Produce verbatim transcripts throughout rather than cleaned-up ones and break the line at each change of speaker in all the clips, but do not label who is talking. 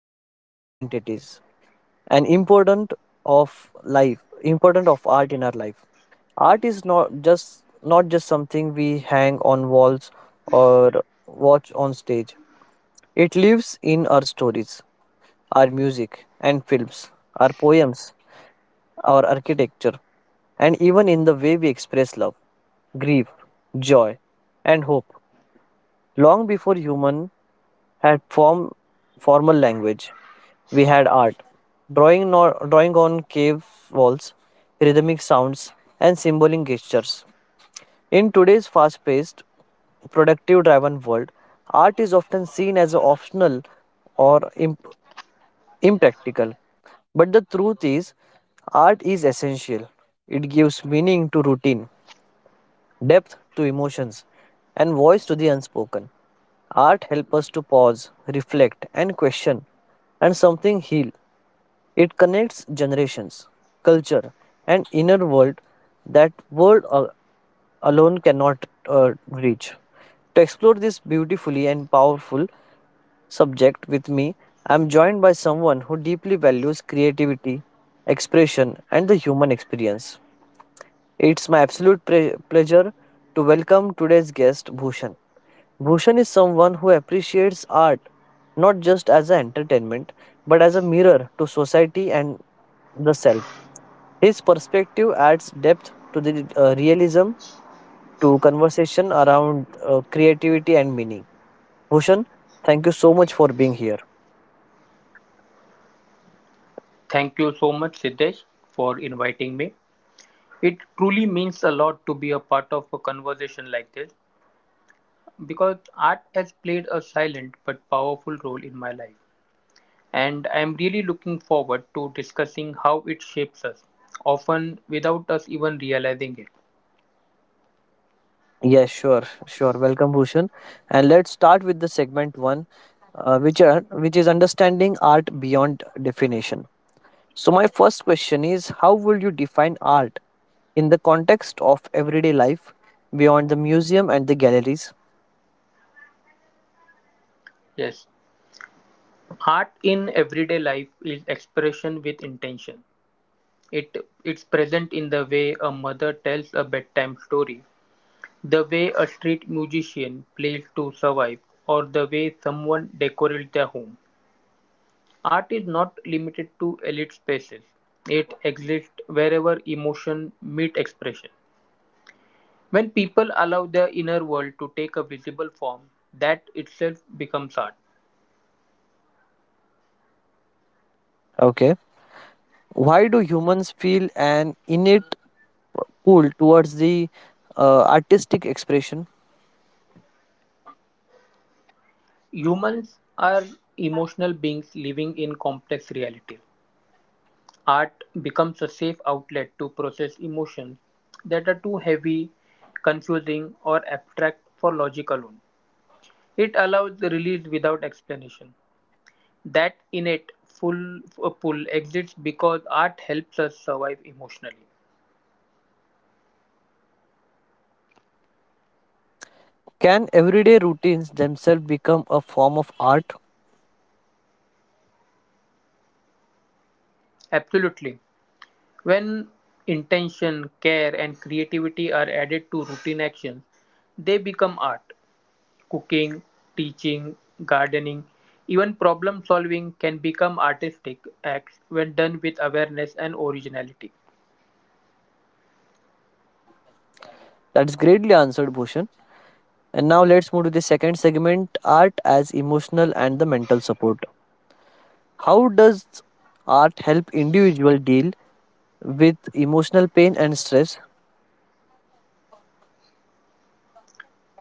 Even our identities, and important of life, important of art in our life. Art is not just not just something we hang on walls or watch on stage. It lives in our stories, our music and films, our poems, our architecture, and even in the way we express love, grief, joy, and hope. Long before human had form, formal language, we had art, drawing, nor, drawing on cave walls, rhythmic sounds, and symbolic gestures. In today's fast paced, productive driven world, art is often seen as optional or imp- impractical. But the truth is, art is essential. It gives meaning to routine, depth to emotions, and voice to the unspoken. Art helps us to pause, reflect, and question, and something heal. It connects generations, culture, and inner world that word al- alone cannot uh, reach. To explore this beautifully and powerful subject with me, I'm joined by someone who deeply values creativity, expression, and the human experience. It's my absolute pre- pleasure to welcome today's guest, Bhushan. Bhushan is someone who appreciates art not just as an entertainment but as a mirror to society and the self. His perspective adds depth to the uh, realism to conversation around uh, creativity and meaning. Bhushan, thank you so much for being here.
Thank you so much, Siddesh, for inviting me. It truly means a lot to be a part of a conversation like this because art has played a silent but powerful role in my life. And I am really looking forward to discussing how it shapes us, often without us even realizing it.
Yes, sure, sure. Welcome, Bhushan. And let's start with the segment one, uh, which are, which is understanding art beyond definition. So my first question is, how will you define art in the context of everyday life beyond the museum and the galleries?
Yes, art in everyday life is expression with intention. It it's present in the way a mother tells a bedtime story. The way a street musician plays to survive, or the way someone decorates their home. Art is not limited to elite spaces. It exists wherever emotion meets expression. When people allow their inner world to take a visible form, that itself becomes art.
Okay. Why do humans feel an innate pull towards the uh, artistic expression?
Humans are emotional beings living in complex realities. Art becomes a safe outlet to process emotions that are too heavy, confusing, or abstract for logic alone. It allows the release without explanation. That innate full uh, pull exists because art helps us survive emotionally.
Can everyday routines themselves become a form of art?
Absolutely. When intention, care, and creativity are added to routine actions, they become art. Cooking, teaching, gardening, even problem solving can become artistic acts when done with awareness and originality.
That's greatly answered, Bhushan. And now let's move to the second segment art as emotional and the mental support. How does art help individual deal with emotional pain and stress?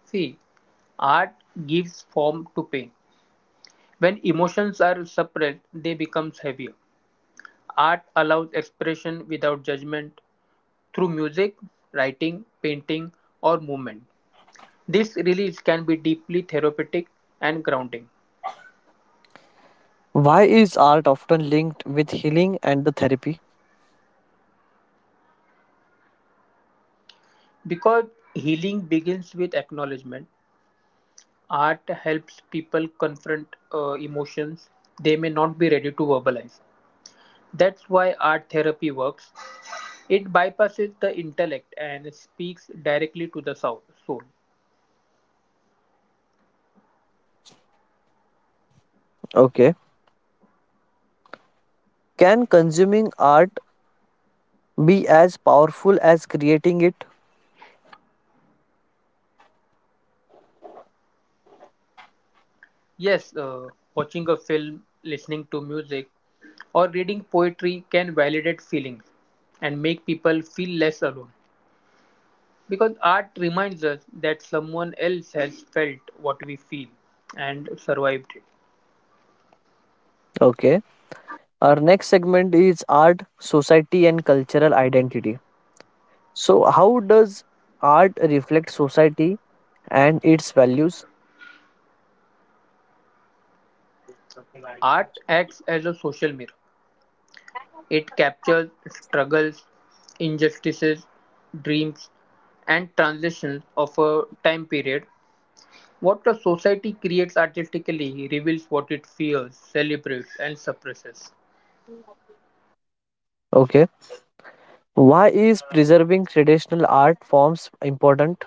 See, art gives form to pain. When emotions are suppressed, they become heavier. Art allows expression without judgment through music, writing, painting, or movement. This release can be deeply therapeutic and grounding.
Why is art often linked with healing and the therapy?
Because healing begins with acknowledgement, art helps people confront uh, emotions they may not be ready to verbalize. That's why art therapy works. It bypasses the intellect and speaks directly to the sou- soul.
Okay. Can consuming art be as powerful as creating it?
Yes, uh, watching a film, listening to music, or reading poetry can validate feelings and make people feel less alone. Because art reminds us that someone else has felt what we feel and survived it.
Okay. Our next segment is art, society, and cultural identity. So, how does art reflect society and its values?
Art acts as a social mirror, it captures struggles, injustices, dreams, and transitions of a time period. What a society creates artistically reveals what it fears, celebrates, and suppresses.
Okay. Why is preserving traditional art forms important?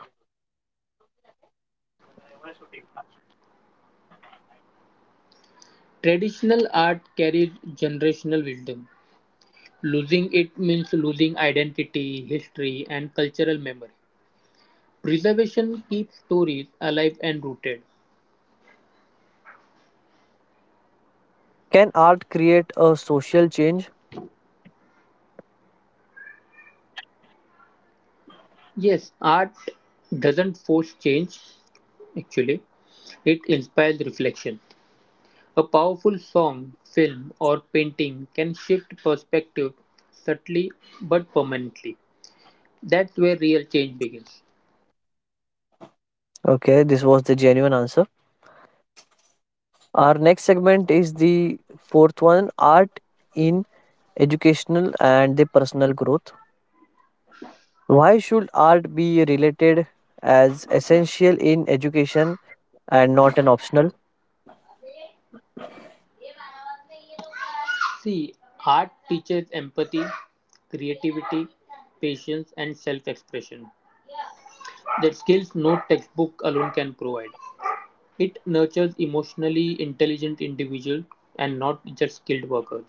Traditional art carries generational wisdom. Losing it means losing identity, history, and cultural memory. Preservation keeps stories alive and rooted.
Can art create a social change?
Yes, art doesn't force change, actually, it inspires reflection. A powerful song, film, or painting can shift perspective subtly but permanently. That's where real change begins.
Okay, this was the genuine answer. Our next segment is the fourth one art in educational and the personal growth. Why should art be related as essential in education and not an optional?
See, art teaches empathy, creativity, patience, and self expression. That skills no textbook alone can provide. It nurtures emotionally intelligent individuals and not just skilled workers.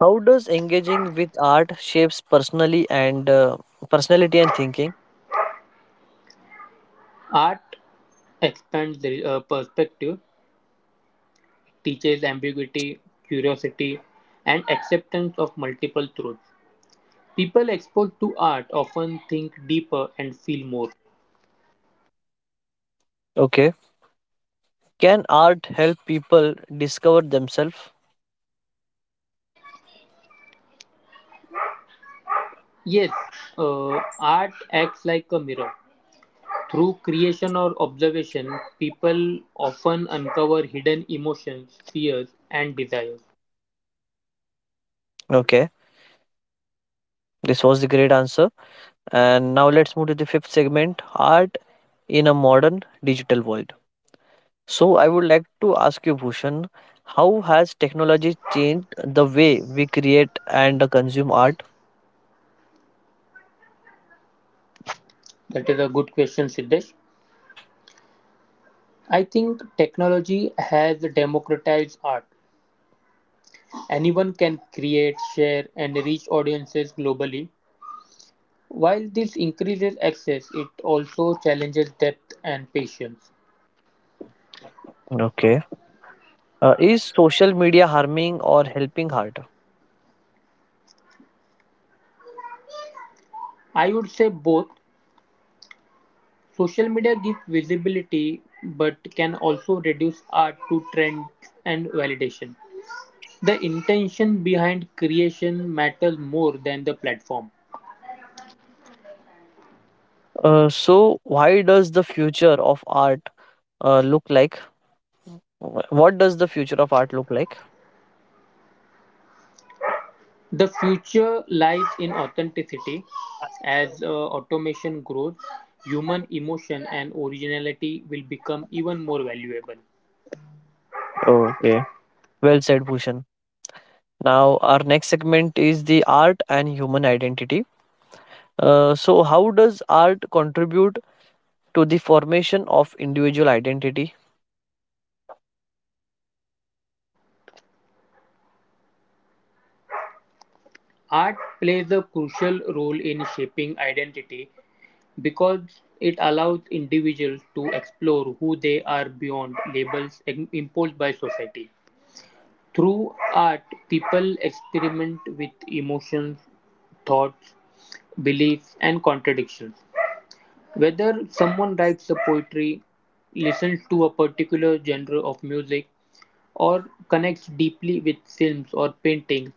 How does engaging with art shapes personally and uh, personality and thinking?
Art expands the uh, perspective, teaches ambiguity, curiosity, and acceptance of multiple truths. People exposed to art often think deeper and feel more.
Okay. Can art help people discover themselves?
Yes, uh, art acts like a mirror. Through creation or observation, people often uncover hidden emotions, fears, and desires.
Okay. This was the great answer. And now let's move to the fifth segment, art in a modern digital world. So I would like to ask you Bhushan, how has technology changed the way we create and consume art?
That is a good question, Siddesh. I think technology has democratized art. Anyone can create, share, and reach audiences globally. While this increases access, it also challenges depth and patience.
Okay. Uh, is social media harming or helping art?
I would say both. Social media gives visibility but can also reduce art to trend and validation. The intention behind creation matters more than the platform.
Uh, so why does the future of art uh, look like? Wh- What does the future of art look like?
The future lies in authenticity. As uh, automation grows, human emotion and originality will become even more valuable.
Okay. Well said, Bhushan. Now, our next segment is the art and human identity. Uh, so, how does art contribute to the formation of individual identity?
Art plays a crucial role in shaping identity because it allows individuals to explore who they are beyond labels im- imposed by society. Through art, people experiment with emotions, thoughts, beliefs, and contradictions. Whether someone writes a poetry, listens to a particular genre of music, or connects deeply with films or painting,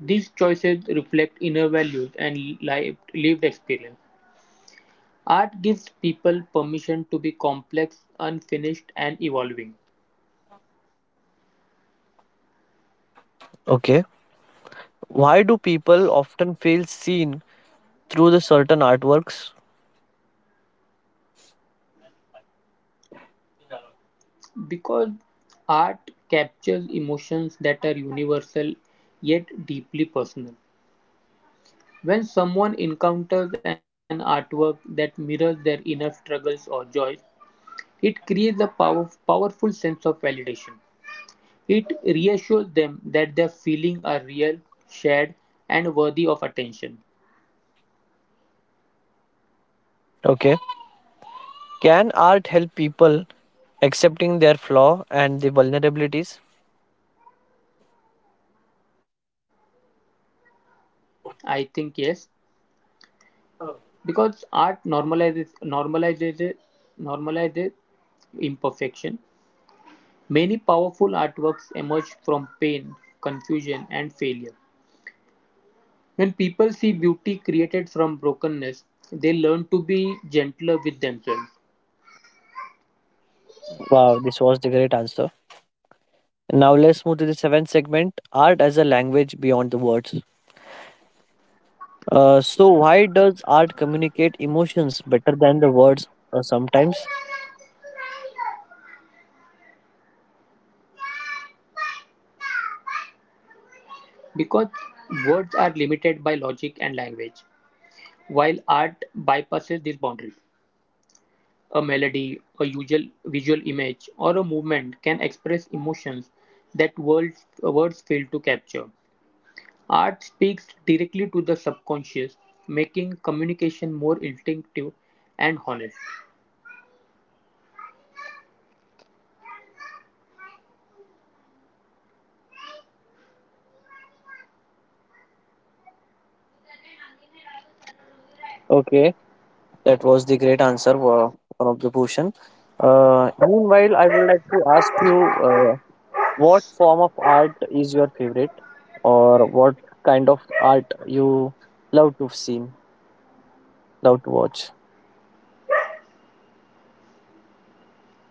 these choices reflect inner values and lived, lived experience. Art gives people permission to be complex, unfinished, and evolving.
Okay. Why do people often feel seen through the certain artworks?
Because art captures emotions that are universal yet deeply personal. When someone encounters an artwork that mirrors their inner struggles or joys, it creates a power, powerful sense of validation. It reassures them that their feelings are real, shared, and worthy of attention.
Okay. Can art help people accepting their flaw and the vulnerabilities?
I think yes, because art normalizes normalizes normalizes imperfection. Many powerful artworks emerge from pain, confusion, and failure. When people see beauty created from brokenness, they learn to be gentler with themselves.
Wow, this was the great answer. Now, let's move to the seventh segment art as a language beyond the words. Uh, so why does art communicate emotions better than the words uh, sometimes?
Because words are limited by logic and language, while art bypasses these boundaries. A melody, a usual visual image, or a movement can express emotions that words, words fail to capture. Art speaks directly to the subconscious, making communication more instinctive and honest.
Okay. That was the great answer, uh, one of the Bhushan. Uh, meanwhile, I would like to ask you, uh, what form of art is your favorite, or what kind of art you love to see, love to watch?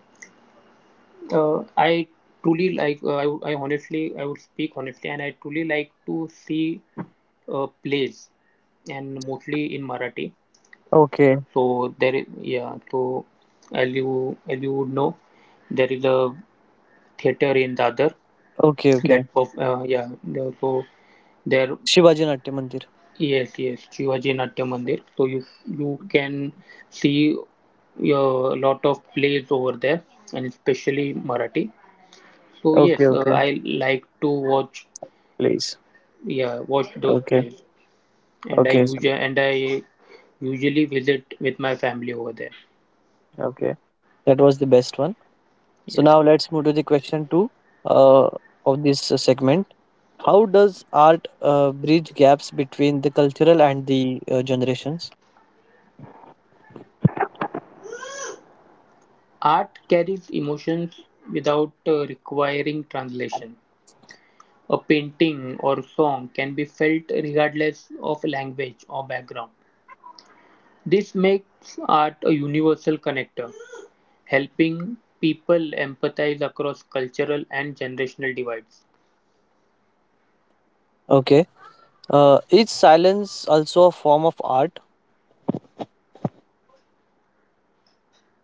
Uh, I truly like. Uh, I would- I honestly, I would speak honestly, and I truly like to see uh, plays, and mostly in Marathi.
Okay,
So there is, yeah. So as you as you would know, there is a theater in Dadar
okay,
that
okay.
perf- uh, yeah. the- So there
Shivaji Natya Mandir.
Yes, yes, Shivaji Natya Mandir. So you you can see a lot of plays over there, and especially Marathi. So
Okay,
yes, uh,
okay.
I like to watch,
Please.
yeah, watch those
Okay,
plays, and I
okay,
usually and I usually visit with my family over there.
okay. That was the best one. So
Yes,
now let's move to the question two, uh, of this uh, segment. How does art uh, bridge gaps between the cultural and the uh, generations?
art carries emotions without uh, requiring translation. A painting or song can be felt regardless of language or background. This makes art a universal connector, helping people empathize across cultural and generational divides.
Okay. Uh, is silence also a form of art?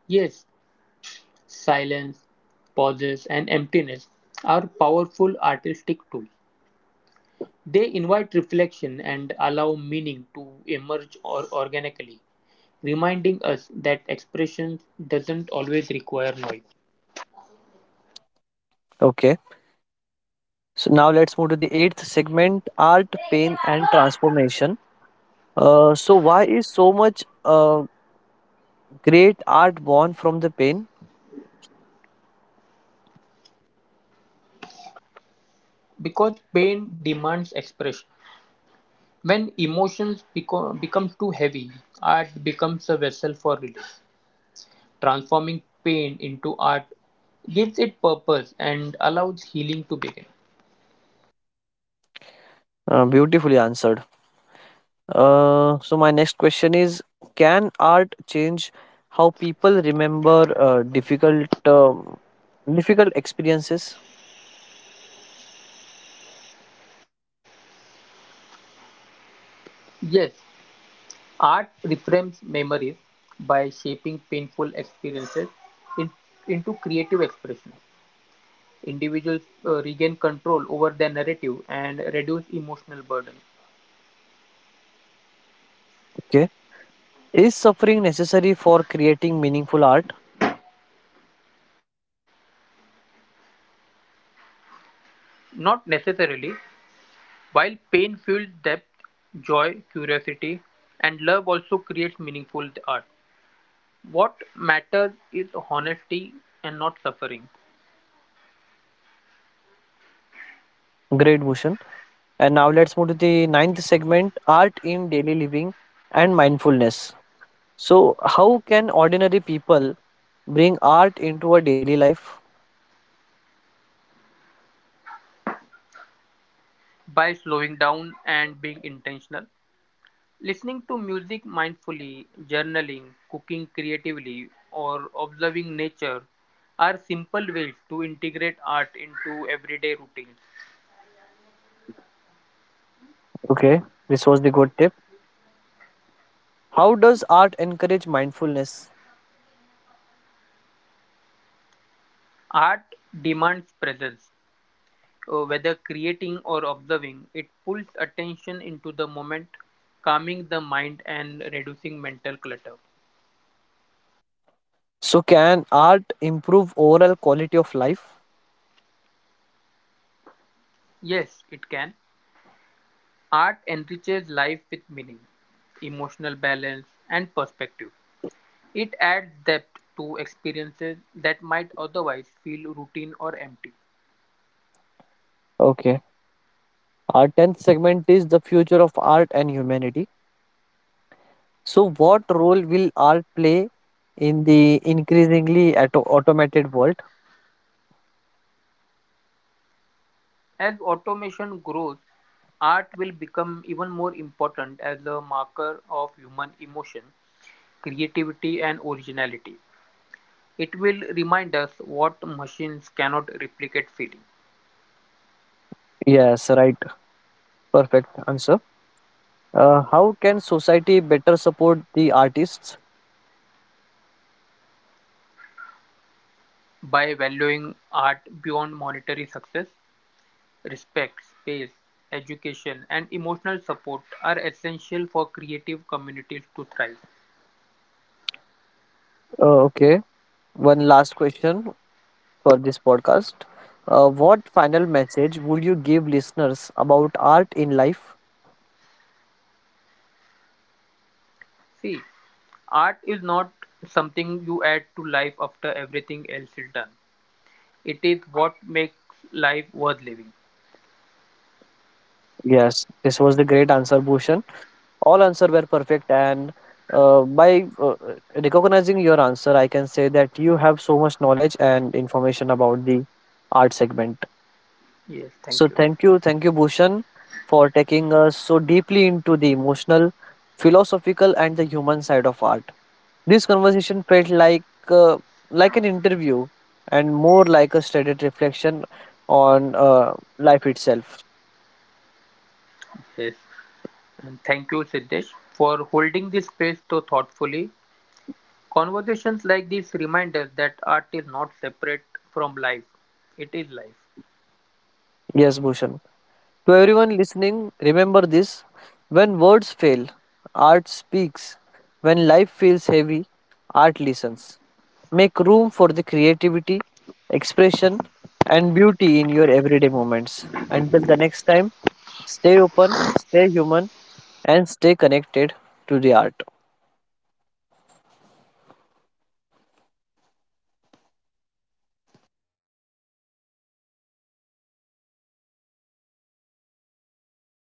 Yes, silence, pauses, and emptiness are powerful artistic tools. They invite reflection and allow meaning to emerge or organically, reminding us that expression doesn't always require noise.
Okay. So now let's move to the eighth segment art, pain, and transformation. Uh, so, why is so much uh, great art born from the pain?
Because pain demands expression, when emotions beco- become too heavy, art becomes a vessel for release. Transforming pain into art gives it purpose and allows healing to begin.
Uh, beautifully answered. Uh, so, my next question is, can art change how people remember uh, difficult, um difficult experiences?
Yes, art reframes memories by shaping painful experiences in, into creative expression. Individuals uh, regain control over their narrative and reduce emotional burden.
Okay. Is suffering necessary for creating meaningful art?
Not necessarily. While pain fuels depth, joy, curiosity, and love also creates meaningful art. What matters is honesty and not suffering.
Great, Bhushan. And now let's move to the ninth segment art in daily living and mindfulness. So, how can ordinary people bring art into a daily life?
By slowing down and being intentional, listening to music mindfully, journaling, cooking creatively, or observing nature are simple ways to integrate art into everyday routines.
Okay, this was the good tip. How does art encourage mindfulness?
Art demands presence, uh, whether creating or observing, it pulls attention into the moment, calming the mind and reducing mental clutter.
So, can art improve overall quality of life?
Yes, it can. Art enriches life with meaning, emotional balance, and perspective. It adds depth to experiences that might otherwise feel routine or empty.
Okay, our tenth segment is the future of art and humanity. So, what role will art play in the increasingly auto- automated world?
As automation grows, art will become even more important as a marker of human emotion, creativity, and originality. It will remind us what machines cannot replicate feeling,
Yes, right. Perfect answer. Uh, how can society better support the artists?
by valuing art beyond monetary success. Respect, space, education and emotional support are essential for creative communities to thrive.
Uh, okay. One last question for this podcast. Uh, what final message would you give listeners about art in life?
See, art is not something you add to life after everything else is done. It is what makes life worth living.
Yes, this was the great answer, Bhushan. All answers were perfect, and uh, by uh, recognizing your answer I can say that you have so much knowledge and information about the art segment.
Yes, thank
So
you.
thank you, thank you, Bhushan, for taking us so deeply into the emotional, philosophical and the human side of art. This conversation felt like uh, like an interview and more like a studied reflection on uh, life itself.
Yes, and thank you, Siddesh, for holding this space so thoughtfully. Conversations like these remind us that art is not separate from life, it is life.
Yes, Bhushan. To everyone listening, remember this, when words fail, art speaks. When life feels heavy, art listens. Make room for the creativity, expression, and beauty in your everyday moments. Until the next time, stay open, stay human, and stay connected to the art.